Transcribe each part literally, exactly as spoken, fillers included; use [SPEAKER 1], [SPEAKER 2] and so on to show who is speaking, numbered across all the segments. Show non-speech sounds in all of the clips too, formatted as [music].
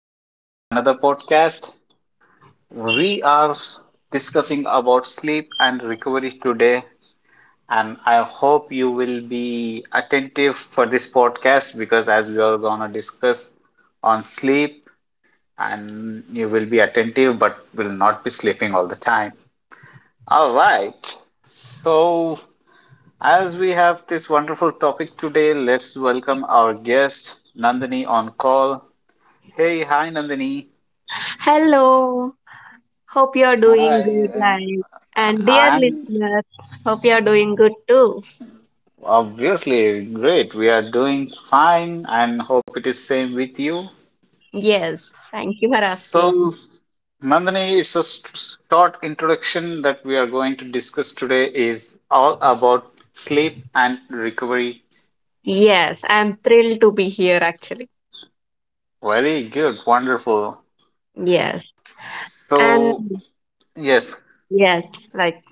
[SPEAKER 1] again to my another podcast. We are s- discussing about sleep and recovery today, and I hope you will be attentive for this podcast because as we are gonna discuss on sleep, and you will be attentive but will not be sleeping all the time. All right. So, as we have this wonderful topic today, let's welcome our guest Nandini on call. Hey, hi Nandini.
[SPEAKER 2] Hello, hope you're doing good,
[SPEAKER 1] Hi.
[SPEAKER 2] guys. And dear
[SPEAKER 1] I'm
[SPEAKER 2] listeners, hope you're doing good too.
[SPEAKER 1] obviously great. We are doing fine and hope it is same with you.
[SPEAKER 2] Yes, thank you for
[SPEAKER 1] So,
[SPEAKER 2] asking.
[SPEAKER 1] Nandini, it's a s- short introduction that we are going to discuss today is all about sleep and recovery.
[SPEAKER 2] Yes, I'm thrilled to be here actually.
[SPEAKER 1] Very good, wonderful.
[SPEAKER 2] Yes, and
[SPEAKER 1] So, yes,
[SPEAKER 2] yes, like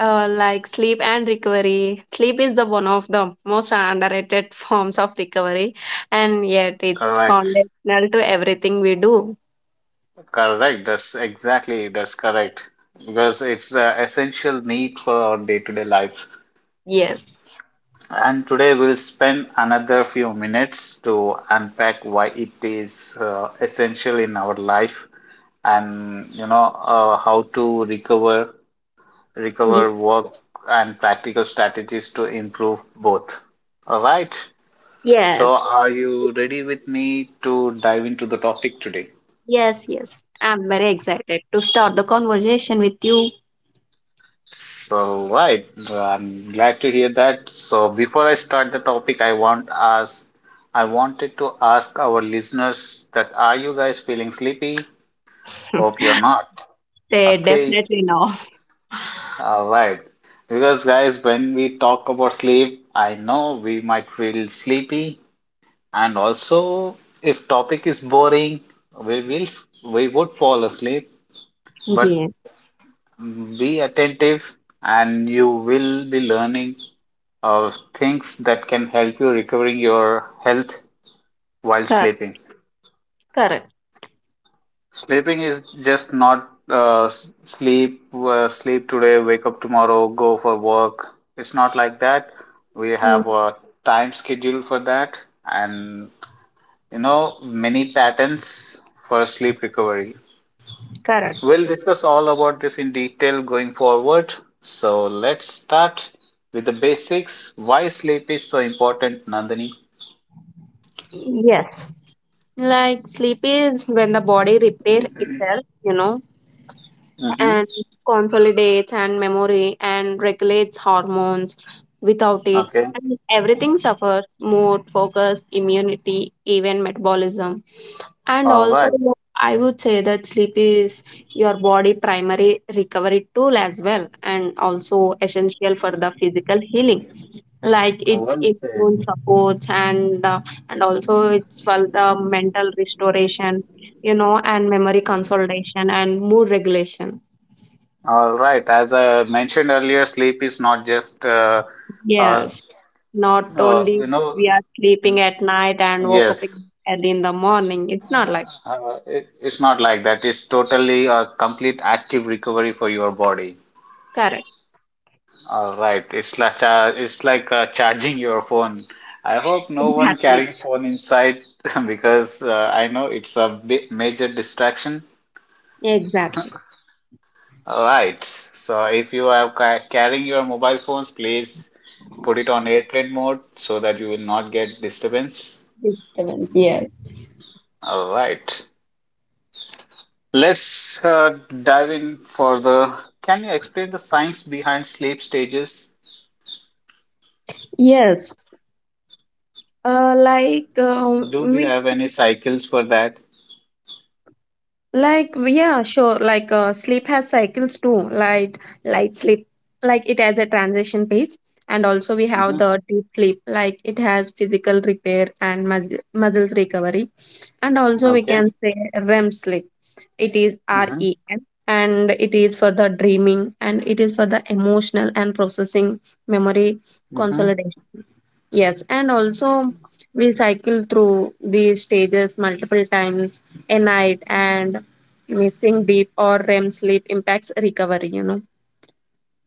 [SPEAKER 2] uh, like sleep and recovery. Sleep is the one of the most underrated [laughs] forms of recovery, and yet it's
[SPEAKER 1] correct.
[SPEAKER 2] foundational to everything we do.
[SPEAKER 1] Correct. That's exactly that's correct because it's an essential need for our day-to-day life.
[SPEAKER 2] Yes,
[SPEAKER 1] And today we'll spend another few minutes to unpack why it is uh, essential in our life and you know uh, how to recover
[SPEAKER 2] Ye-
[SPEAKER 1] recover work and practical strategies to improve both. All right.
[SPEAKER 2] yes.
[SPEAKER 1] So are you ready with me to dive into the topic today?
[SPEAKER 2] Yes, yes. I'm very excited to start the conversation with you.
[SPEAKER 1] So, right, I'm glad to hear that. So, before I start the topic, I want ask, I wanted to ask our listeners that are you guys feeling sleepy?
[SPEAKER 2] [laughs]
[SPEAKER 1] Hope you're not.
[SPEAKER 2] Say
[SPEAKER 1] Okay,
[SPEAKER 2] definitely no.
[SPEAKER 1] all right. Because guys, when we talk about sleep, I know we might feel sleepy, and also if topic is boring, we will we would fall asleep. But
[SPEAKER 2] Yes,
[SPEAKER 1] be attentive, and you will be learning uh, things that can help you recovering your health while
[SPEAKER 2] correct.
[SPEAKER 1] sleeping.
[SPEAKER 2] Correct.
[SPEAKER 1] Sleeping is just not uh, s- sleep, uh, sleep today, wake up tomorrow, go for work. It's not like that. We
[SPEAKER 2] Mm,
[SPEAKER 1] have a time schedule for that, and you know, many patterns for sleep recovery.
[SPEAKER 2] correct.
[SPEAKER 1] We'll discuss all about this in detail going forward. So let's start with the basics. Why sleep is so important, Nandini?
[SPEAKER 2] Yes. Like sleep is when the body repair itself, you know,
[SPEAKER 1] Mm-hmm.
[SPEAKER 2] and consolidates and memory and regulates hormones. Without it,
[SPEAKER 1] Okay.
[SPEAKER 2] and everything suffers mood, focus, immunity, even metabolism. And
[SPEAKER 1] All
[SPEAKER 2] also,
[SPEAKER 1] right,
[SPEAKER 2] I would say that sleep is your body primary recovery tool as well, and also essential for the physical healing. Like it's
[SPEAKER 1] well said.
[SPEAKER 2] immune supports and uh, and also it's for the mental restoration, you know, and memory consolidation and mood regulation.
[SPEAKER 1] All right, as I mentioned earlier, sleep is not just, uh, uh,
[SPEAKER 2] Yes, not
[SPEAKER 1] uh,
[SPEAKER 2] only
[SPEAKER 1] you know,
[SPEAKER 2] we are sleeping
[SPEAKER 1] mm,
[SPEAKER 2] at night and woke up
[SPEAKER 1] yes,
[SPEAKER 2] in- early in the morning. It's not like.
[SPEAKER 1] uh, it, it's not like that. It's totally a complete active recovery for your body.
[SPEAKER 2] Correct.
[SPEAKER 1] All right, it's like cha- it's like uh, charging your phone. I hope no one
[SPEAKER 2] Exactly.
[SPEAKER 1] carrying phone inside [laughs] because uh, I know it's a bi major distraction.
[SPEAKER 2] Exactly.
[SPEAKER 1] Alright, so if you are ca- carrying your mobile phones, please put it on airplane mode so that you will not get disturbance.
[SPEAKER 2] Disturbance. Yes.
[SPEAKER 1] Alright, let's uh, dive in further. Can you explain the science behind sleep stages?
[SPEAKER 2] Yes. Uh, like
[SPEAKER 1] Do
[SPEAKER 2] um,
[SPEAKER 1] we
[SPEAKER 2] we
[SPEAKER 1] have any cycles for that?
[SPEAKER 2] like yeah, sure. Like uh, sleep has cycles too. Like light sleep, like it has a transition phase, and also we have
[SPEAKER 1] Mm-hmm.
[SPEAKER 2] the deep sleep. Like it has physical repair and mus- muscles recovery, and also we can
[SPEAKER 1] Okay.
[SPEAKER 2] say R E M sleep. It is R E
[SPEAKER 1] Mm-hmm.
[SPEAKER 2] M, and it is for the dreaming, and it is for the emotional and processing memory
[SPEAKER 1] Mm-hmm.
[SPEAKER 2] consolidation. Yes, and also we cycle through these stages multiple times a night, and missing deep or R E M sleep impacts recovery, you know.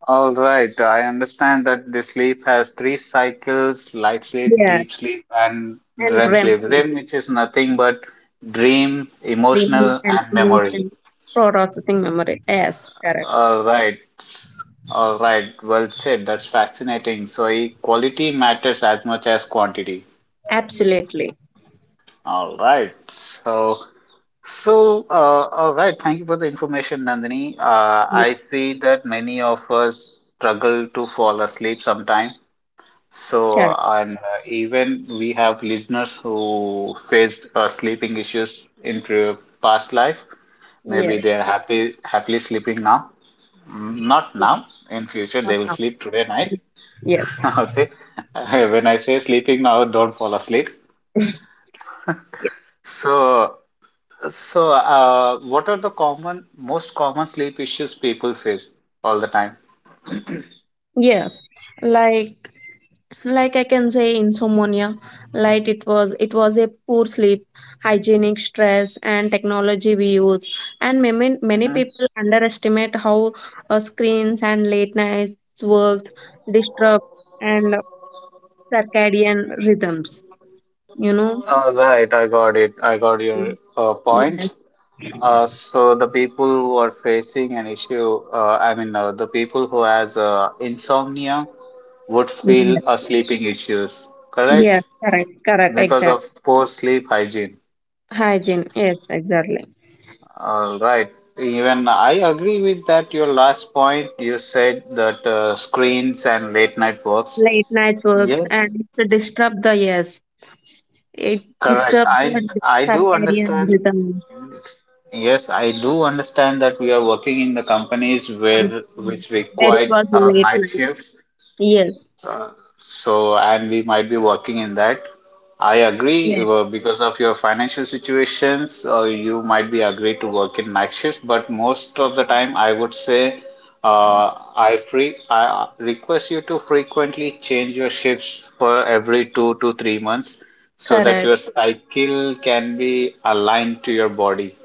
[SPEAKER 1] All right, I understand that the sleep has three cycles, light sleep,
[SPEAKER 2] Yeah.
[SPEAKER 1] deep sleep, and
[SPEAKER 2] And
[SPEAKER 1] R E M
[SPEAKER 2] R E M
[SPEAKER 1] sleep.
[SPEAKER 2] sleep,
[SPEAKER 1] R E M, which is nothing but dream,
[SPEAKER 2] dreaming
[SPEAKER 1] emotional,
[SPEAKER 2] and
[SPEAKER 1] and memory.
[SPEAKER 2] emotion processing memory. Yes, correct.
[SPEAKER 1] All right. All right, well said. That's fascinating. So e- quality matters as much as quantity.
[SPEAKER 2] Absolutely.
[SPEAKER 1] All right. So so uh, all right. Thank you for the information, Nandini. Uh,
[SPEAKER 2] Yes,
[SPEAKER 1] I see that many of us struggle to fall asleep sometime. So,
[SPEAKER 2] correct.
[SPEAKER 1] and uh, Even we have listeners who faced uh, sleeping issues into past life. Maybe
[SPEAKER 2] Yes.
[SPEAKER 1] they are happy, happily sleeping now. Mm, not
[SPEAKER 2] Yes.
[SPEAKER 1] now. In future,
[SPEAKER 2] Not
[SPEAKER 1] they will
[SPEAKER 2] now.
[SPEAKER 1] sleep today night.
[SPEAKER 2] Yes.
[SPEAKER 1] [laughs] Okay. [laughs] When I say sleeping now, don't fall asleep.
[SPEAKER 2] [laughs]
[SPEAKER 1] So, so uh, what are the common, most common sleep issues people face all the time?
[SPEAKER 2] Yes. Like like I can say insomnia, like it was it was a poor sleep hygienic stress and technology we use, and many, many
[SPEAKER 1] Mhm.
[SPEAKER 2] people underestimate how uh, screens and late nights works disrupt and circadian rhythms you know
[SPEAKER 1] All right, I got it. I got your uh,
[SPEAKER 2] yes,
[SPEAKER 1] point. Uh, so the people who are facing an issue, uh, I mean, uh, the people who has uh, insomnia would feel
[SPEAKER 2] yes.
[SPEAKER 1] uh, sleeping issues, correct?
[SPEAKER 2] Yes, correct, correct,
[SPEAKER 1] Because
[SPEAKER 2] exact.
[SPEAKER 1] of poor sleep hygiene.
[SPEAKER 2] Hygiene, yes, exactly.
[SPEAKER 1] All right. Even I agree with that. Your last point, you said that uh, screens and late night works.
[SPEAKER 2] Late night works,
[SPEAKER 1] Yes,
[SPEAKER 2] and it disrupt the. Yes, it
[SPEAKER 1] correct.
[SPEAKER 2] disturbs
[SPEAKER 1] I
[SPEAKER 2] the
[SPEAKER 1] I do
[SPEAKER 2] circadian
[SPEAKER 1] understand.
[SPEAKER 2] rhythm,
[SPEAKER 1] Yes, I do understand that we are working in the companies where
[SPEAKER 2] something
[SPEAKER 1] which
[SPEAKER 2] where it
[SPEAKER 1] require
[SPEAKER 2] was
[SPEAKER 1] uh,
[SPEAKER 2] late
[SPEAKER 1] night
[SPEAKER 2] night.
[SPEAKER 1] shifts.
[SPEAKER 2] Yes,
[SPEAKER 1] Uh, so, and we might be working in that. I agree,
[SPEAKER 2] yes,
[SPEAKER 1] uh, because of your financial situations, uh, you might be agreed to work in night shift, but most of the time, I would say, uh, I free, I uh, request you to frequently change your shifts for every two to three months so that
[SPEAKER 2] correct,
[SPEAKER 1] your cycle can be aligned to your body.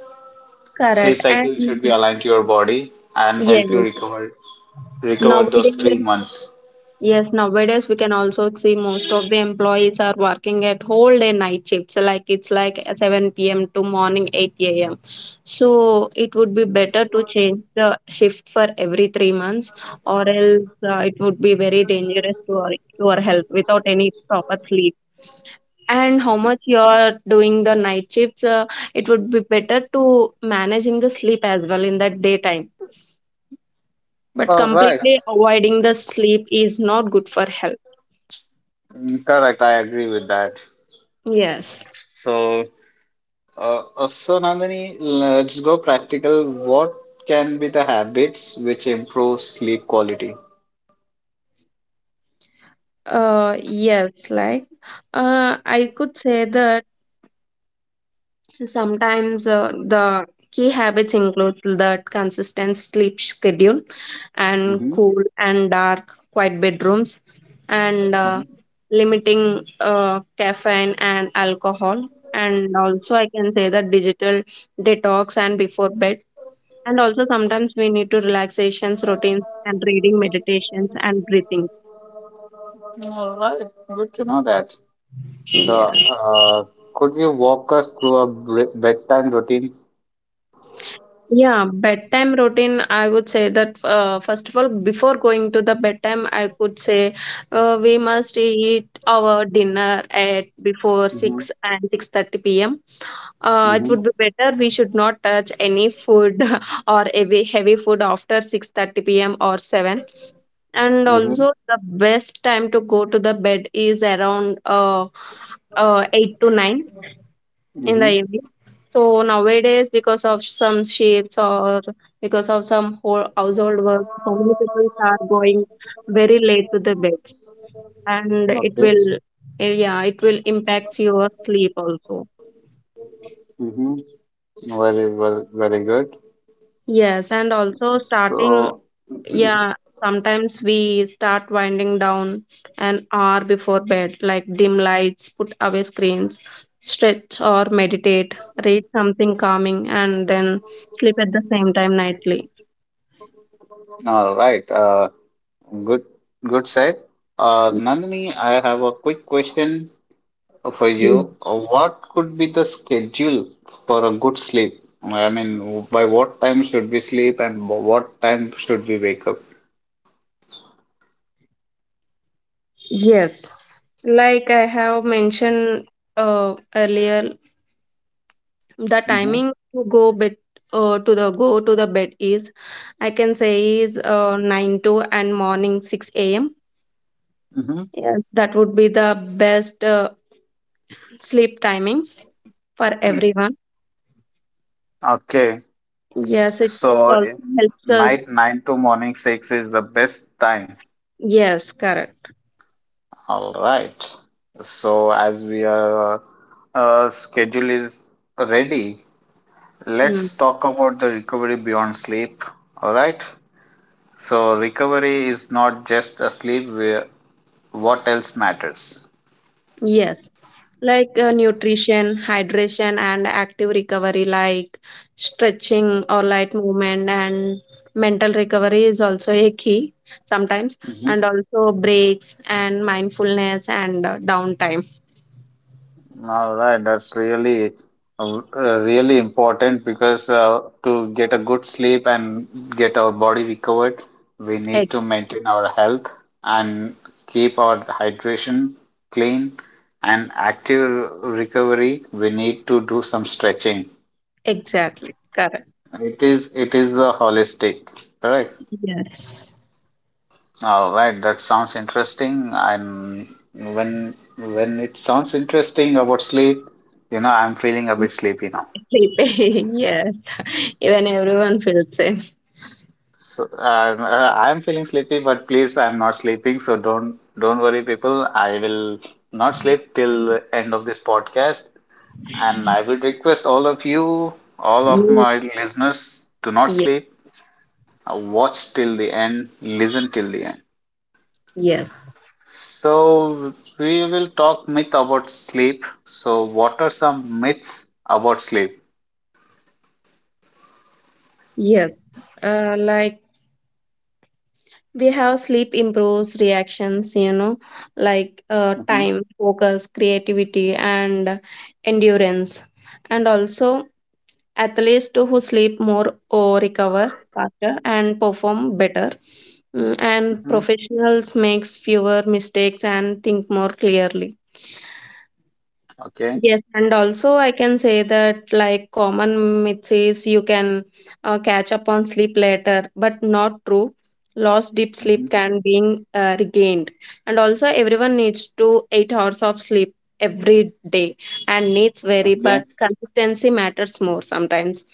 [SPEAKER 1] Sleep
[SPEAKER 2] correct. And
[SPEAKER 1] cycle should be aligned to your body and help you
[SPEAKER 2] yes,
[SPEAKER 1] recover recover those
[SPEAKER 2] nowadays,
[SPEAKER 1] three months.
[SPEAKER 2] yes, nowadays we can also see most of the employees are working at whole day night shifts. Like it's like seven p m to morning eight a m. So it would be better to change the shift for every three months, or else uh, it would be very dangerous to our, to our health without any proper sleep. And how much you're doing the night shifts, uh, it would be better to managing the sleep as well in the daytime, but
[SPEAKER 1] All right.
[SPEAKER 2] completely avoiding the sleep is not good for health.
[SPEAKER 1] Mm, correct, I agree with that.
[SPEAKER 2] Yes,
[SPEAKER 1] So, uh, uh, so Nandini, let's go practical. What can be the habits which improve sleep quality?
[SPEAKER 2] uh yes, like uh I could say that sometimes uh, the key habits include that consistent sleep schedule and
[SPEAKER 1] Mm-hmm.
[SPEAKER 2] cool and dark, quiet bedrooms, and uh, limiting uh, caffeine and alcohol. And also, I can say that digital detox and before bed. And also, sometimes we need to relaxations, routines, and reading, meditations, and breathing.
[SPEAKER 1] All right, good to know that. So,
[SPEAKER 2] Yeah.
[SPEAKER 1] uh, could you walk us through a br- bedtime routine?
[SPEAKER 2] Yeah, bedtime routine, I would say that uh, first of all, before going to the bedtime, I could say uh, we must eat our dinner at before
[SPEAKER 1] Mm-hmm.
[SPEAKER 2] six and six thirty p m. Uh, it
[SPEAKER 1] Mm-hmm.
[SPEAKER 2] would be better we should not touch any food [laughs] or heavy heavy food after six thirty p m or seven. And
[SPEAKER 1] Mm-hmm.
[SPEAKER 2] also the best time to go to the bed is around uh, uh, eight to nine in the
[SPEAKER 1] Mm-hmm.
[SPEAKER 2] evening. So nowadays, because of some shifts or because of some whole household work, so many people are going very late to the bed, and it
[SPEAKER 1] Okay.
[SPEAKER 2] will, eh, yeah, it will impact your sleep also.
[SPEAKER 1] Mm-hmm. Very well, very good.
[SPEAKER 2] Yes, and also starting,
[SPEAKER 1] So,
[SPEAKER 2] yeah, sometimes we start winding down an hour before bed, like dim lights, put away screens, stretch or meditate, read something calming, and then sleep at the same time nightly.
[SPEAKER 1] all right. Uh. Good, good set. Uh, Nandini, I have a quick question for you. Uh, What could be the schedule for a good sleep? I mean, by what time should we sleep and by what time should we wake up?
[SPEAKER 2] Yes, like I have mentioned uh, earlier, the
[SPEAKER 1] Mm-hmm.
[SPEAKER 2] timing to go bed, uh, to the go to the bed is, I can say is uh, nine to and morning six a m.
[SPEAKER 1] Mm-hmm.
[SPEAKER 2] Yes, that would be the best uh, sleep timings for everyone.
[SPEAKER 1] Okay,
[SPEAKER 2] Yes, it
[SPEAKER 1] so
[SPEAKER 2] also
[SPEAKER 1] eh,
[SPEAKER 2] helps us.
[SPEAKER 1] night nine to morning six is the best time.
[SPEAKER 2] Yes, correct.
[SPEAKER 1] All right. So as we are uh, uh, schedule is ready,
[SPEAKER 2] Hmm.
[SPEAKER 1] let's talk about the recovery beyond sleep. All right. So recovery is not just a sleep. where- What else matters?
[SPEAKER 2] Yes. Like uh, nutrition hydration and active recovery, like stretching or light movement, and mental recovery is also a key sometimes, and
[SPEAKER 1] Mhm.
[SPEAKER 2] also breaks and mindfulness and uh, downtime.
[SPEAKER 1] All right, that's really uh, uh, really important because uh, to get a good sleep and get our body recovered, we need to
[SPEAKER 2] Ex-
[SPEAKER 1] maintain our health and keep our hydration clean and active recovery. We need to do some stretching.
[SPEAKER 2] exactly, correct.
[SPEAKER 1] It is it is a holistic, correct?
[SPEAKER 2] Yes.
[SPEAKER 1] All right, that sounds interesting. I'm when when It sounds interesting about sleep, you know, I'm feeling a bit sleepy now.
[SPEAKER 2] Sleeping, [laughs] yes, even everyone feels same.
[SPEAKER 1] So um, uh, I'm feeling sleepy, but please, I'm not sleeping. So don't don't worry, people. I will not sleep till the end of this podcast, and I will request all of you, all of
[SPEAKER 2] Yes.
[SPEAKER 1] my listeners, do not
[SPEAKER 2] Yes.
[SPEAKER 1] sleep. Uh, Watch till the end. Listen till the end.
[SPEAKER 2] Yes,
[SPEAKER 1] So we will talk myth about sleep. So what are some myths about sleep?
[SPEAKER 2] yes. Uh, like we have sleep improves reactions, you know, like uh,
[SPEAKER 1] Mm-hmm.
[SPEAKER 2] time, focus, creativity, and endurance. And also athletes too who sleep more or recover faster and perform better. Mm, and
[SPEAKER 1] Mm-hmm.
[SPEAKER 2] professionals makes fewer mistakes and think more clearly.
[SPEAKER 1] Okay.
[SPEAKER 2] Yes, and also I can say that like common myth is you can uh, catch up on sleep later, but not true. Lost deep
[SPEAKER 1] Mm-hmm.
[SPEAKER 2] sleep can be uh, regained, and also everyone needs to eight hours of sleep every day, and needs vary, but
[SPEAKER 1] Okay.
[SPEAKER 2] consistency matters more sometimes.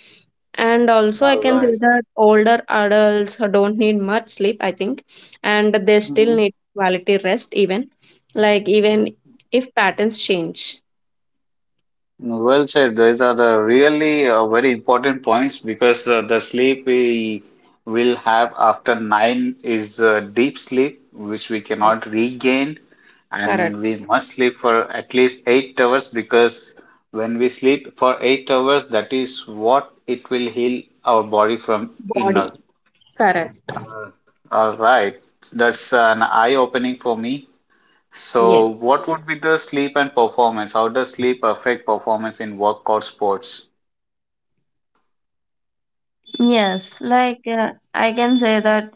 [SPEAKER 2] And also, I
[SPEAKER 1] All
[SPEAKER 2] can say
[SPEAKER 1] right.
[SPEAKER 2] that older adults don't need much sleep, I think, and they still need quality rest, even like even if patterns change.
[SPEAKER 1] Well said. These are the really uh, very important points because uh, the sleep we will have after nine is uh, deep sleep, which we cannot regain,
[SPEAKER 2] Correct.
[SPEAKER 1] and we must sleep for at least eight hours because when we sleep for eight hours, that is what it will heal our body from inner.
[SPEAKER 2] Body. Correct.
[SPEAKER 1] All right, that's an eye-opening for me.
[SPEAKER 2] Yeah.
[SPEAKER 1] So, what would be the sleep and performance? How does sleep affect performance in work or sports?
[SPEAKER 2] Yes, like uh, I can say that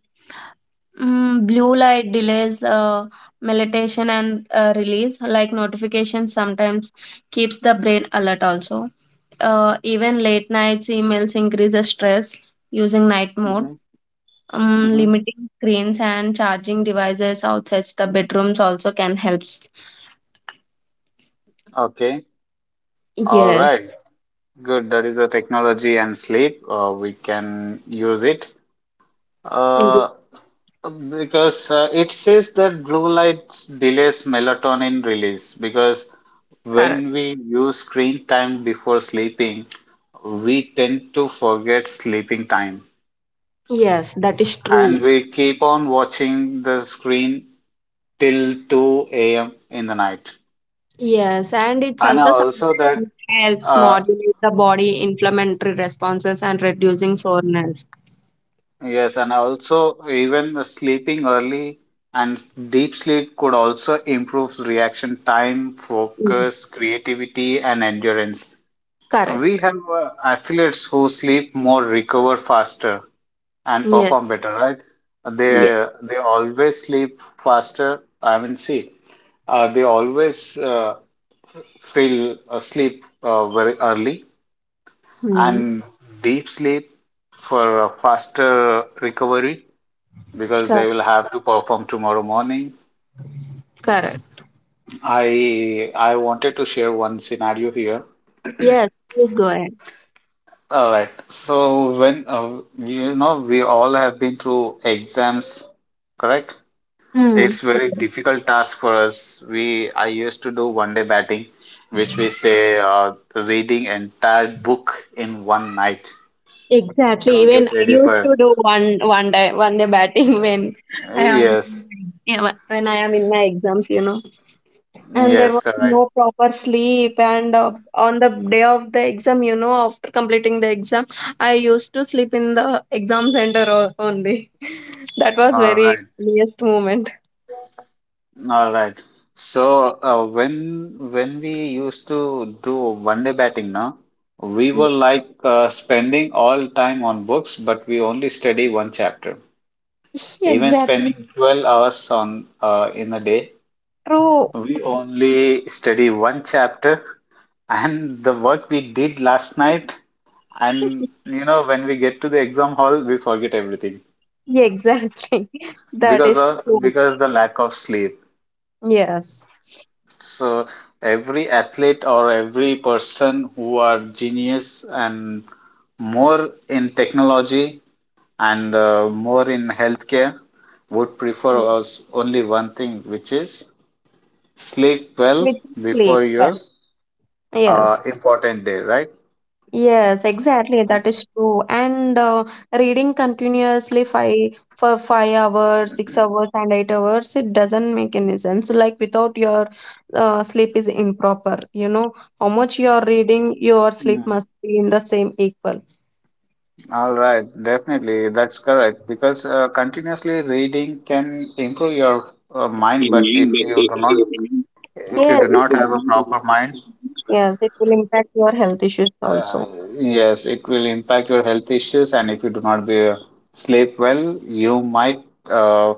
[SPEAKER 2] mm, blue light delays uh, meditation and uh, release, like notifications sometimes keeps the brain alert also. Uh, even late nights emails increases stress using night mode.
[SPEAKER 1] Mm-hmm.
[SPEAKER 2] Um,
[SPEAKER 1] Mm-hmm.
[SPEAKER 2] limiting screens and charging devices outside the bedrooms also can help.
[SPEAKER 1] Okay. All
[SPEAKER 2] Yes.
[SPEAKER 1] right. Good. That is the technology and sleep. Uh, we can use it.
[SPEAKER 2] Mhm.
[SPEAKER 1] Uh, because uh, it says that blue light delays melatonin release. Because
[SPEAKER 2] Correct.
[SPEAKER 1] when we use screen time before sleeping, we tend to forget sleeping time
[SPEAKER 2] Yes, that is
[SPEAKER 1] and
[SPEAKER 2] true.
[SPEAKER 1] we keep on watching the screen till two a m in the night.
[SPEAKER 2] Yes, and it
[SPEAKER 1] And
[SPEAKER 2] also
[SPEAKER 1] also that
[SPEAKER 2] sometimes helps
[SPEAKER 1] uh,
[SPEAKER 2] modulate the body inflammatory responses and reducing soreness.
[SPEAKER 1] Yes, and also even sleeping early and deep sleep could also improve reaction time,
[SPEAKER 2] Mm.
[SPEAKER 1] focus, creativity, and endurance. We
[SPEAKER 2] Correct.
[SPEAKER 1] have uh, athletes who sleep more, recover faster, and
[SPEAKER 2] Yes.
[SPEAKER 1] perform better, right?
[SPEAKER 2] Yes.
[SPEAKER 1] They they always sleep faster. I mean, see, uh, they always uh, feel asleep uh, very early
[SPEAKER 2] Mm.
[SPEAKER 1] and deep sleep for a faster recovery because they
[SPEAKER 2] Cor-
[SPEAKER 1] will have to perform tomorrow morning.
[SPEAKER 2] Correct.
[SPEAKER 1] I I wanted to share one scenario here.
[SPEAKER 2] Yes. Please go ahead.
[SPEAKER 1] All right. So when uh, you know we all have been through exams, correct?
[SPEAKER 2] Mm.
[SPEAKER 1] It's very
[SPEAKER 2] Mm.
[SPEAKER 1] difficult task for us. We I used to do one day batting, which we say uh, reading entire book in one night
[SPEAKER 2] Exactly.
[SPEAKER 1] to get
[SPEAKER 2] Even I
[SPEAKER 1] ready
[SPEAKER 2] used
[SPEAKER 1] for.
[SPEAKER 2] to do one one day one day batting [laughs] when I am
[SPEAKER 1] Yes,
[SPEAKER 2] yeah, when I am in my exams. You know. And there
[SPEAKER 1] yes,
[SPEAKER 2] was
[SPEAKER 1] correct.
[SPEAKER 2] no proper sleep, and uh, on the day of the exam, you know, after completing the exam, I used to sleep in the exam center o- only. [laughs] That was
[SPEAKER 1] All
[SPEAKER 2] very
[SPEAKER 1] right.
[SPEAKER 2] funniest moment.
[SPEAKER 1] All right. So uh, when when we used to do one day batting, now we were like uh, spending all time on books, but we only study one chapter. Even
[SPEAKER 2] Exactly
[SPEAKER 1] spending twelve hours on uh, in a day,
[SPEAKER 2] true.
[SPEAKER 1] we only study one chapter. And the work we did last night, and you know, when we get to the exam hall, we forget everything
[SPEAKER 2] Yeah, exactly. [laughs] That
[SPEAKER 1] because
[SPEAKER 2] is
[SPEAKER 1] of
[SPEAKER 2] true.
[SPEAKER 1] because the lack of sleep.
[SPEAKER 2] Yes.
[SPEAKER 1] So every athlete or every person who are genius and more in technology and uh, more in healthcare would
[SPEAKER 2] Yeah.
[SPEAKER 1] prefer us only one thing, which is sleep well
[SPEAKER 2] With sleep,
[SPEAKER 1] before
[SPEAKER 2] yeah.
[SPEAKER 1] your uh,
[SPEAKER 2] Yes.
[SPEAKER 1] important day, right?
[SPEAKER 2] Yes, exactly. That is true. And uh, reading continuously five for five hours, six hours, and eight hours, it doesn't make any sense. Like without your uh, sleep is improper. You know, how much you are reading, your sleep
[SPEAKER 1] Mm.
[SPEAKER 2] must be in the same equal.
[SPEAKER 1] All right, definitely, that's correct. Because uh, continuously reading can improve your uh, mind, but if you do not, if you do
[SPEAKER 2] Yes,
[SPEAKER 1] not have a proper mind,
[SPEAKER 2] yes, it will impact your health issues
[SPEAKER 1] Uh,
[SPEAKER 2] also.
[SPEAKER 1] yes, it will impact your health issues, and if you do not be, sleep well, you might uh,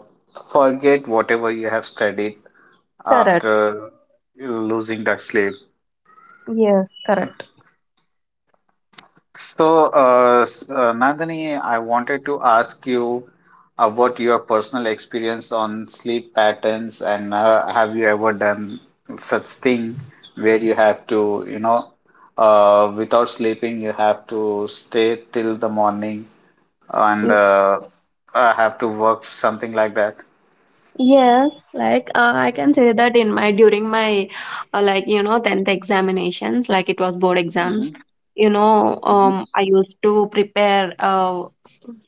[SPEAKER 1] forget whatever you have studied
[SPEAKER 2] Correct.
[SPEAKER 1] after losing that sleep.
[SPEAKER 2] Yes, correct.
[SPEAKER 1] So, uh, s- uh, Nandini, I wanted to ask you about your personal experience on sleep patterns, and uh, have you ever done such thing where you have to, you know, uh, without sleeping, you have to stay till the morning and uh, I have to work something like that.
[SPEAKER 2] Yes, like uh, I can say that in my during my uh, like you know tenth examinations, like it was board exams,
[SPEAKER 1] Mm-hmm.
[SPEAKER 2] you know,
[SPEAKER 1] Mm-hmm.
[SPEAKER 2] um, I used to prepare uh,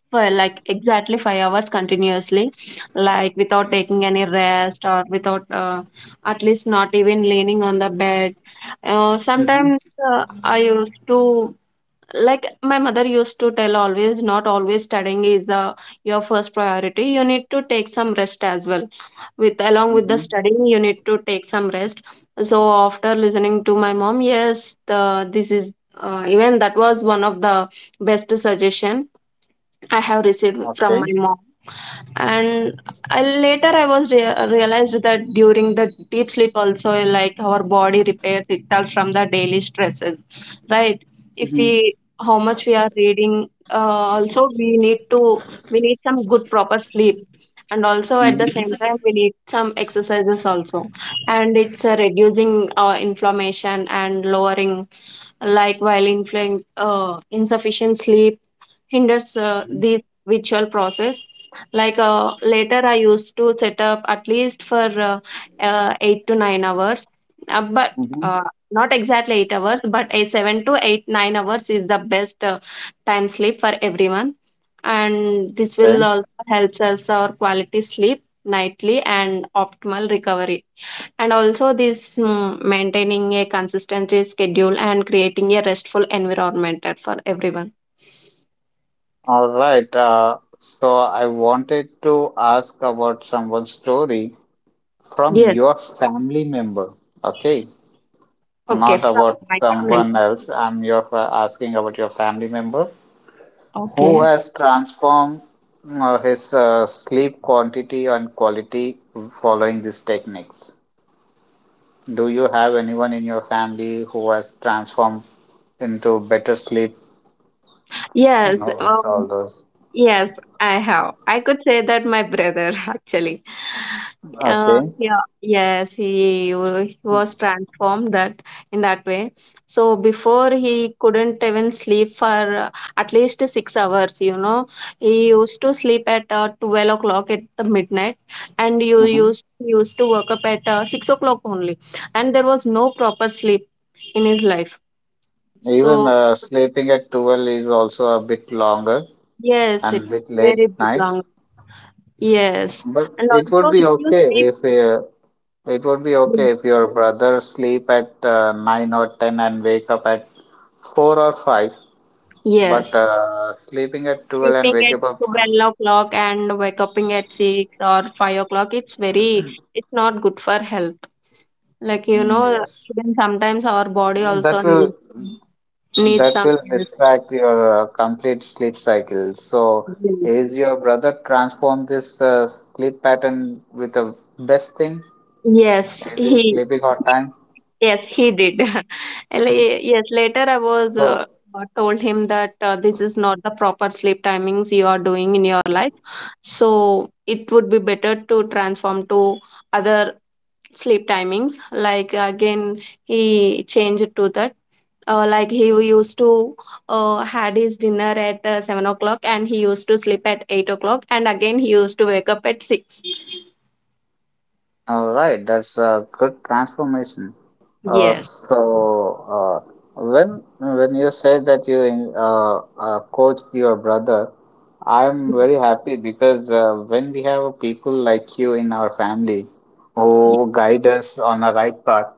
[SPEAKER 2] for like exactly five hours continuously, like without taking any rest or without uh, at least not even leaning on the bed. Uh,
[SPEAKER 1] Mm-hmm.
[SPEAKER 2] sometimes uh, I used to, like my mother used to tell, always not always studying is the your first priority, you need to take some rest as well, with along with the
[SPEAKER 1] Mm-hmm.
[SPEAKER 2] studying you need to take some rest. So after listening to my mom, yes, the this is uh, even that was one of the best suggestion I have received from my
[SPEAKER 1] Okay.
[SPEAKER 2] mom. And I, later I was rea- realized that during the deep sleep also, like our body repairs itself from the daily stresses, right? If
[SPEAKER 1] Mm-hmm.
[SPEAKER 2] we how much we are reading, uh, also we need to, we need some good proper sleep, and also at the same
[SPEAKER 1] Mm-hmm.
[SPEAKER 2] time we need some exercises also, and it's uh, reducing our inflammation and lowering, like while inflamed, uh, insufficient sleep hinders uh, the ritual process. Like uh, later, I used to set up at least for uh, uh, eight to nine hours, uh, but
[SPEAKER 1] Mm-hmm.
[SPEAKER 2] uh, not exactly eight hours, but a seven to eight nine hours is the best uh, time sleep for everyone, and this will
[SPEAKER 1] Okay.
[SPEAKER 2] also helps us our quality sleep nightly and optimal recovery. And also, this mm, maintaining a consistent schedule and creating a restful environment for everyone.
[SPEAKER 1] All right. Uh, so I wanted to ask about someone's story from
[SPEAKER 2] Yes.
[SPEAKER 1] your family member. Okay.
[SPEAKER 2] Okay,
[SPEAKER 1] Not
[SPEAKER 2] from
[SPEAKER 1] about
[SPEAKER 2] my family.
[SPEAKER 1] someone else. I'm your fa- asking about your family member who
[SPEAKER 2] Okay.
[SPEAKER 1] has transformed uh, his uh, sleep quantity and quality following these techniques. Do you have anyone in your family who has transformed into better sleep?
[SPEAKER 2] Yes,
[SPEAKER 1] No, with all
[SPEAKER 2] um,
[SPEAKER 1] those.
[SPEAKER 2] yes, I have. I could say that my brother [laughs] actually.
[SPEAKER 1] Okay.
[SPEAKER 2] Um, yeah, yes, he, wa- he was transformed that in that way. So before he couldn't even sleep for uh, at least six hours. You know, he used to sleep at uh, twelve o'clock at the midnight, and you
[SPEAKER 1] hmm
[SPEAKER 2] used he used to wake up at uh, six o'clock only, and there was no proper sleep in his life.
[SPEAKER 1] Even
[SPEAKER 2] So
[SPEAKER 1] uh, sleeping at twelve is also a bit longer
[SPEAKER 2] yes, it's
[SPEAKER 1] and bit late
[SPEAKER 2] very big
[SPEAKER 1] night,
[SPEAKER 2] lung. Yes.
[SPEAKER 1] but
[SPEAKER 2] And
[SPEAKER 1] it would
[SPEAKER 2] also
[SPEAKER 1] be
[SPEAKER 2] if you
[SPEAKER 1] okay
[SPEAKER 2] sleep
[SPEAKER 1] if uh, it would be okay if your brother sleep at uh, nine or ten and wake up at four or five, but
[SPEAKER 2] yes,
[SPEAKER 1] uh, sleeping at twelve and
[SPEAKER 2] sleeping
[SPEAKER 1] wake
[SPEAKER 2] at
[SPEAKER 1] up at,
[SPEAKER 2] twelve o'clock and wake up at six or five o'clock, it's very it's not good for health. Like you
[SPEAKER 1] mm,
[SPEAKER 2] know,
[SPEAKER 1] yes,
[SPEAKER 2] even sometimes our body also
[SPEAKER 1] that
[SPEAKER 2] needs
[SPEAKER 1] will
[SPEAKER 2] needs
[SPEAKER 1] that
[SPEAKER 2] some
[SPEAKER 1] will
[SPEAKER 2] rest.
[SPEAKER 1] distract your uh, complete sleep cycle. So, is your brother transform this uh, sleep pattern with the best thing?
[SPEAKER 2] Yes,
[SPEAKER 1] Is he
[SPEAKER 2] he
[SPEAKER 1] sleeping on time?
[SPEAKER 2] yes he did. [laughs] And la- yes, later I was
[SPEAKER 1] So,
[SPEAKER 2] uh, uh, told him that uh, this is not the proper sleep timings you are doing in your life. So it would be better to transform to other sleep timings. Like again, he changed to that. Uh, like he used to uh, had his dinner at uh, seven o'clock, and he used to sleep at eight o'clock, and again he used to wake up at six.
[SPEAKER 1] all right, that's a good transformation. Uh,
[SPEAKER 2] Yes.
[SPEAKER 1] so uh, when when you said that you uh, uh, coached your brother, I'm very happy because uh, when we have people like you in our family who guide us on the right path,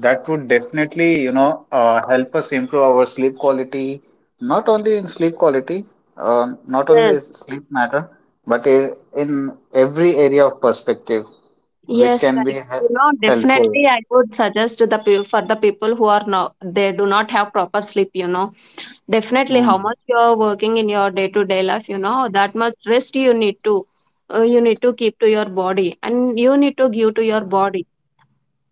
[SPEAKER 1] that would definitely, you know, uh, help us improve our sleep quality, not only in sleep quality, uh, not
[SPEAKER 2] Yes,
[SPEAKER 1] only sleep matter, but i- in every area of perspective which
[SPEAKER 2] yes,
[SPEAKER 1] can be
[SPEAKER 2] like you
[SPEAKER 1] hel-
[SPEAKER 2] know,
[SPEAKER 1] helpful.
[SPEAKER 2] definitely I would suggest to the peo- for the people who are not they do not have proper sleep, you know, definitely,
[SPEAKER 1] Mm.
[SPEAKER 2] how much you're working in your day-to-day life, you know, that much rest you need to uh, you need to keep to your body and you need to give to your body.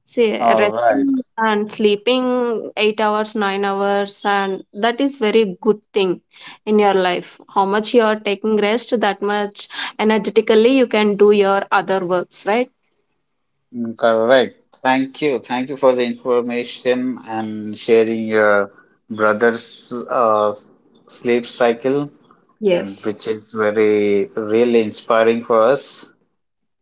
[SPEAKER 2] See,
[SPEAKER 1] All right.
[SPEAKER 2] resting and sleeping eight hours, nine hours, and that is very good thing in your life. How much you are taking rest, that much energetically you can do your other works, right?
[SPEAKER 1] Mm, correct. Thank you. Thank you for the information and sharing your brother's uh, s- sleep cycle, mm,
[SPEAKER 2] Yes.
[SPEAKER 1] which is very really inspiring for us.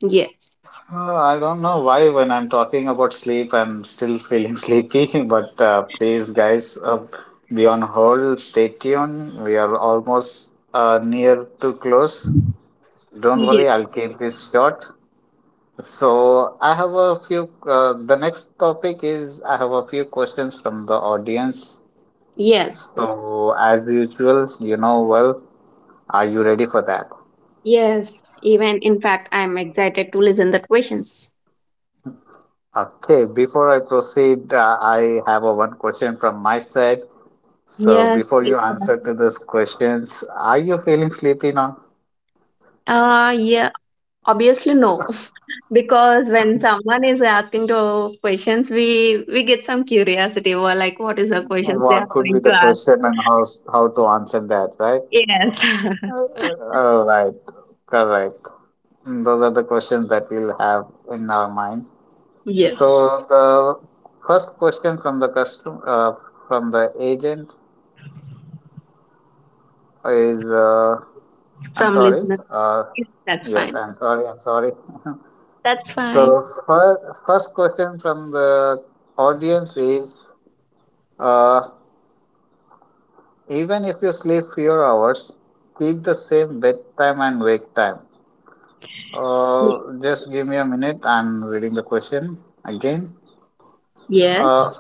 [SPEAKER 2] Yes.
[SPEAKER 1] Uh, I don't know why when I'm talking about sleep, I'm still feeling [laughs] sleepy, but uh, please, guys, uh, be on hold, stay tuned. We are almost uh, near to close. Don't
[SPEAKER 2] Yes.
[SPEAKER 1] worry, I'll keep this short. So I have a few, uh, the next topic is I have a few questions from the audience.
[SPEAKER 2] Yes.
[SPEAKER 1] So as usual, you know, well, are you ready for that?
[SPEAKER 2] Yes. Even in fact, I'm excited to listen the questions.
[SPEAKER 1] Okay, before I proceed, uh, I have a one question from my side. So
[SPEAKER 2] Yes.
[SPEAKER 1] before
[SPEAKER 2] Yes,
[SPEAKER 1] you answer to
[SPEAKER 2] yes.
[SPEAKER 1] these questions, are you feeling sleepy now?
[SPEAKER 2] Uh, yeah, obviously no. [laughs] Because when someone is asking to questions, we we get some curiosity. We're like, what is the questions they are
[SPEAKER 1] What could be
[SPEAKER 2] going to
[SPEAKER 1] the
[SPEAKER 2] ask?
[SPEAKER 1] question and how how to answer that, right?
[SPEAKER 2] Yes. [laughs]
[SPEAKER 1] Uh, uh, All right, correct. Those are the questions that we'll have in our mind.
[SPEAKER 2] Yes.
[SPEAKER 1] So the first question from the custom uh, from the agent is, uh, I'm
[SPEAKER 2] From
[SPEAKER 1] sorry.
[SPEAKER 2] listeners.
[SPEAKER 1] Uh,
[SPEAKER 2] Yes, that's
[SPEAKER 1] yes,
[SPEAKER 2] fine.
[SPEAKER 1] I'm sorry. I'm sorry. [laughs]
[SPEAKER 2] That's fine.
[SPEAKER 1] So fir- first question from the audience is, uh, even if you sleep fewer hours, keep the same bedtime and wake time. Uh,
[SPEAKER 2] Ye-
[SPEAKER 1] just give me a minute. I'm reading the question again.
[SPEAKER 2] Yes.
[SPEAKER 1] Uh,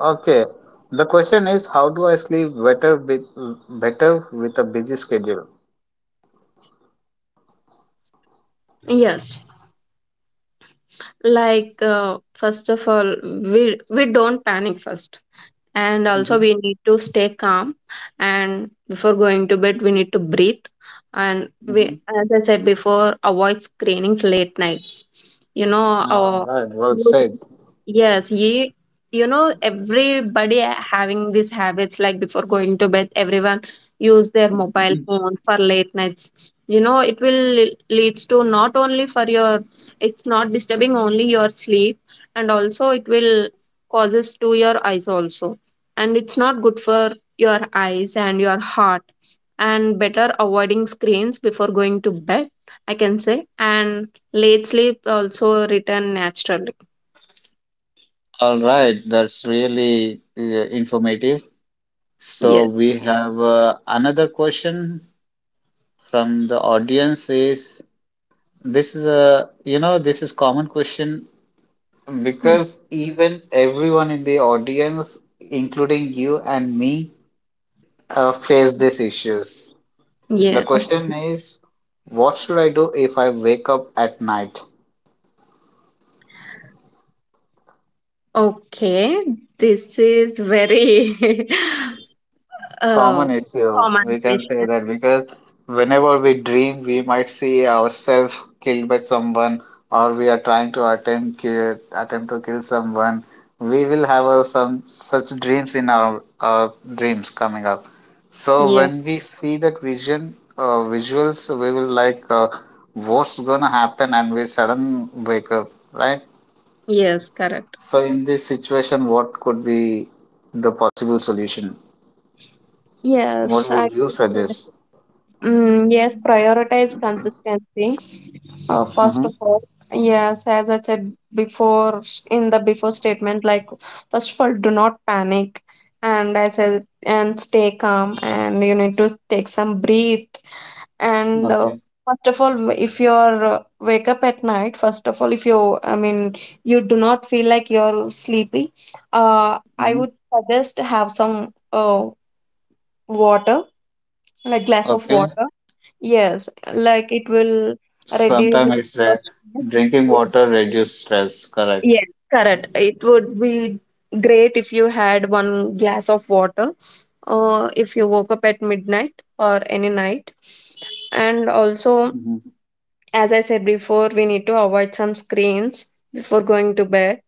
[SPEAKER 1] Okay. The question is, how do I sleep better with, better with a busy schedule?
[SPEAKER 2] Yes. Like uh, first of all, we we don't panic first, and also
[SPEAKER 1] hmm
[SPEAKER 2] we need to stay calm, and before going to bed we need to breathe, and we,
[SPEAKER 1] hmm
[SPEAKER 2] as I said before, avoid screenings late nights, you know, our.
[SPEAKER 1] All right, well said.
[SPEAKER 2] Yes, ye, you know, everybody a- having these habits like before going to bed, everyone use their mobile phone for late nights. You know, it will leads to not only for your, it's not disturbing only your sleep, and also it will causes to your eyes also, and it's not good for your eyes and your heart. And better avoiding screens before going to bed, I can say, and late sleep also return naturally.
[SPEAKER 1] All right, that's really uh, informative. So
[SPEAKER 2] Yeah.
[SPEAKER 1] we have uh, another question from the audience is, this is a, you know, this is common question
[SPEAKER 2] Hmm.
[SPEAKER 1] because even everyone in the audience including you and me uh, face these issues. The
[SPEAKER 2] Yeah. o-
[SPEAKER 1] question is, what should I do if I wake up at night?
[SPEAKER 2] Okay. This is very [laughs] uh,
[SPEAKER 1] Common issue,
[SPEAKER 2] common
[SPEAKER 1] we can say
[SPEAKER 2] question.
[SPEAKER 1] that because whenever we dream, we might see ourselves killed by someone, or we are trying to attempt kill, attempt to kill someone. We will have uh, some such dreams in our, our dreams coming up. So
[SPEAKER 2] Yeah.
[SPEAKER 1] when we see that vision, uh, visuals, we will like, uh, what's gonna happen, and we sudden wake up, right?
[SPEAKER 2] Yes, correct.
[SPEAKER 1] So in this situation, what could be the possible solution?
[SPEAKER 2] Yes,
[SPEAKER 1] What would
[SPEAKER 2] I
[SPEAKER 1] you
[SPEAKER 2] think so.
[SPEAKER 1] suggest?
[SPEAKER 2] Mm, yes, prioritize consistency. Uh, first
[SPEAKER 1] hmm
[SPEAKER 2] of all, yes, as I said before s- in the before statement, like first of all, do not panic, and I said and stay calm, and you need to take some breathe. And uh,
[SPEAKER 1] Okay.
[SPEAKER 2] first of all, if you're uh, wake up at night, first of all, if you, I mean, you do not feel like you're sleepy, uh, I
[SPEAKER 1] hmm
[SPEAKER 2] would suggest have some uh, water, like glass of
[SPEAKER 1] Okay.
[SPEAKER 2] water. Yes, like it will reduce
[SPEAKER 1] Sometimes it's
[SPEAKER 2] your
[SPEAKER 1] that
[SPEAKER 2] stress.
[SPEAKER 1] drinking
[SPEAKER 2] Yes,
[SPEAKER 1] water reduce stress. Correct.
[SPEAKER 2] yes, correct. It would be great if you had one glass of water, or if you woke up at midnight or any night, and also.
[SPEAKER 1] hmm
[SPEAKER 2] As I said before, we need to avoid some screens before going to bed.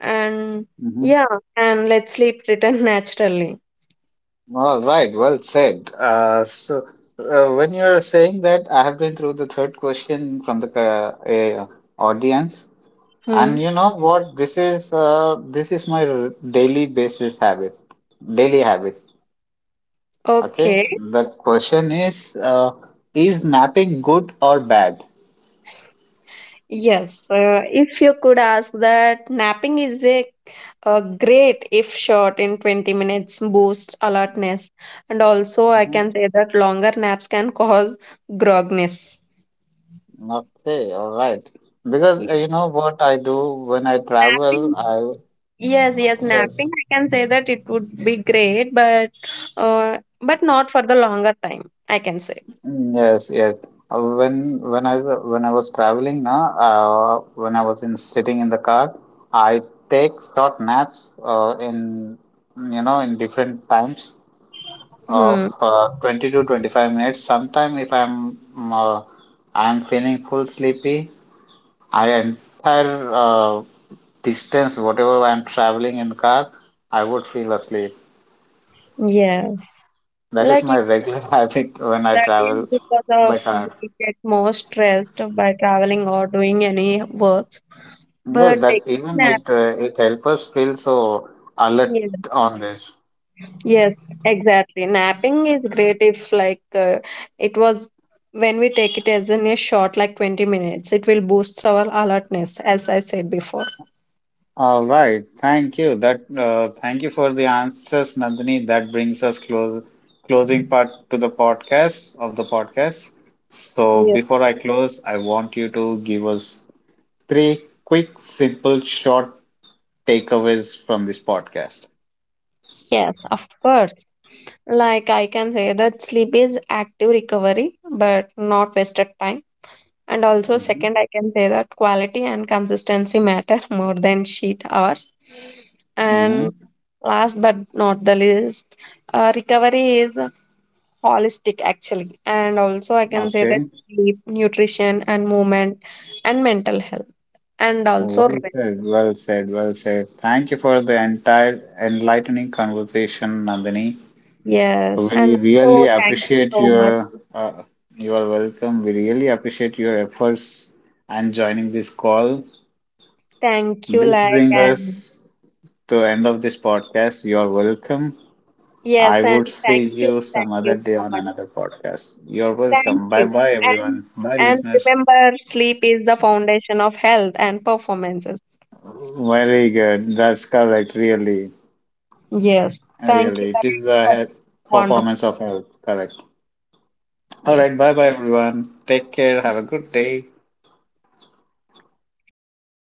[SPEAKER 2] And
[SPEAKER 1] hmm
[SPEAKER 2] yeah, and let sleep return [laughs] naturally.
[SPEAKER 1] All right. Well said. Uh, so uh, when you are saying that, I have been through the third question from the uh, uh, audience,
[SPEAKER 2] Hmm.
[SPEAKER 1] and you know what? This is uh, this is my r- daily basis habit. Daily habit. Okay,
[SPEAKER 2] Okay.
[SPEAKER 1] the question is, uh, is napping good or bad?
[SPEAKER 2] Yes. Uh, if you could ask that, napping is a, a great, if short, in twenty minutes boost alertness. And also, I
[SPEAKER 1] Mhm.
[SPEAKER 2] can say that longer naps can cause grogness.
[SPEAKER 1] Okay, all right. Because uh,
[SPEAKER 2] Yeah.
[SPEAKER 1] you know what I do when I
[SPEAKER 2] Napping.
[SPEAKER 1] travel, I
[SPEAKER 2] Yes,
[SPEAKER 1] uh,
[SPEAKER 2] yes, in acting,
[SPEAKER 1] yes,
[SPEAKER 2] I can say that it would be great, but uh, but not for the longer time, I can say.
[SPEAKER 1] mm, yes, yes. Uh, When when I was uh, when I was traveling, now, uh, when I was in sitting in the car, I take short naps uh, in, you know, in different times of
[SPEAKER 2] Hmm.
[SPEAKER 1] uh, twenty to twenty-five minutes. Sometime if I'm uh, I'm feeling full sleepy. I entire uh, distance, whatever I'm traveling in the car, I would feel asleep.
[SPEAKER 2] Yeah.
[SPEAKER 1] That is
[SPEAKER 2] Like
[SPEAKER 1] my
[SPEAKER 2] if
[SPEAKER 1] regular [laughs] habit when I
[SPEAKER 2] that is
[SPEAKER 1] travel
[SPEAKER 2] because of
[SPEAKER 1] by car.
[SPEAKER 2] we get more stressed by traveling or doing any work.
[SPEAKER 1] Yes,
[SPEAKER 2] But
[SPEAKER 1] that
[SPEAKER 2] taking
[SPEAKER 1] even
[SPEAKER 2] nap,
[SPEAKER 1] it uh, it helps us feel so alert
[SPEAKER 2] yes,
[SPEAKER 1] on this.
[SPEAKER 2] yes, exactly. Napping is great if like uh, it was when we take it as in a short, like twenty minutes, it will boost our alertness, as I said before.
[SPEAKER 1] All right, thank you. That uh, thank you for the answers, Nandini. That brings us close closing part to the podcast of the podcast. So before I close, I want you to give us three quick, simple, short takeaways from this podcast.
[SPEAKER 2] Yes, of course. Like I can say that sleep is active recovery, but not wasted time. And also,
[SPEAKER 1] hmm
[SPEAKER 2] second, I can say that quality and consistency matter [laughs] more than sheet hours. And
[SPEAKER 1] hmm
[SPEAKER 2] last but not the least, uh, recovery is holistic actually. And also, I can say that
[SPEAKER 1] Okay.
[SPEAKER 2] sleep, nutrition, and movement, and mental health, and also
[SPEAKER 1] Well
[SPEAKER 2] rest.
[SPEAKER 1] said. Well said. Well said. Thank you for the entire enlightening conversation, Nandini.
[SPEAKER 2] Yes,
[SPEAKER 1] We
[SPEAKER 2] and
[SPEAKER 1] really
[SPEAKER 2] so thank you
[SPEAKER 1] appreciate
[SPEAKER 2] so much.
[SPEAKER 1] your uh, you are welcome. We really appreciate your efforts and joining this call.
[SPEAKER 2] Thank you,
[SPEAKER 1] This
[SPEAKER 2] like,
[SPEAKER 1] brings
[SPEAKER 2] and
[SPEAKER 1] us to end of this podcast. You are welcome. I
[SPEAKER 2] yes, and
[SPEAKER 1] would
[SPEAKER 2] thank
[SPEAKER 1] see
[SPEAKER 2] you,
[SPEAKER 1] you some
[SPEAKER 2] thank
[SPEAKER 1] other
[SPEAKER 2] you
[SPEAKER 1] day
[SPEAKER 2] so
[SPEAKER 1] on
[SPEAKER 2] much.
[SPEAKER 1] another podcast. You're
[SPEAKER 2] Thank
[SPEAKER 1] welcome. Bye
[SPEAKER 2] you.
[SPEAKER 1] bye,
[SPEAKER 2] And
[SPEAKER 1] everyone. Bye,
[SPEAKER 2] and
[SPEAKER 1] listeners.
[SPEAKER 2] remember, sleep is the foundation of health and performances.
[SPEAKER 1] Very good. That's correct. Really,
[SPEAKER 2] Yes, thank you.
[SPEAKER 1] really.
[SPEAKER 2] That
[SPEAKER 1] It is the
[SPEAKER 2] was
[SPEAKER 1] health,
[SPEAKER 2] wonderful.
[SPEAKER 1] performance of health. Correct. All
[SPEAKER 2] Yes.
[SPEAKER 1] right. Bye bye, everyone. Take care. Have a good day.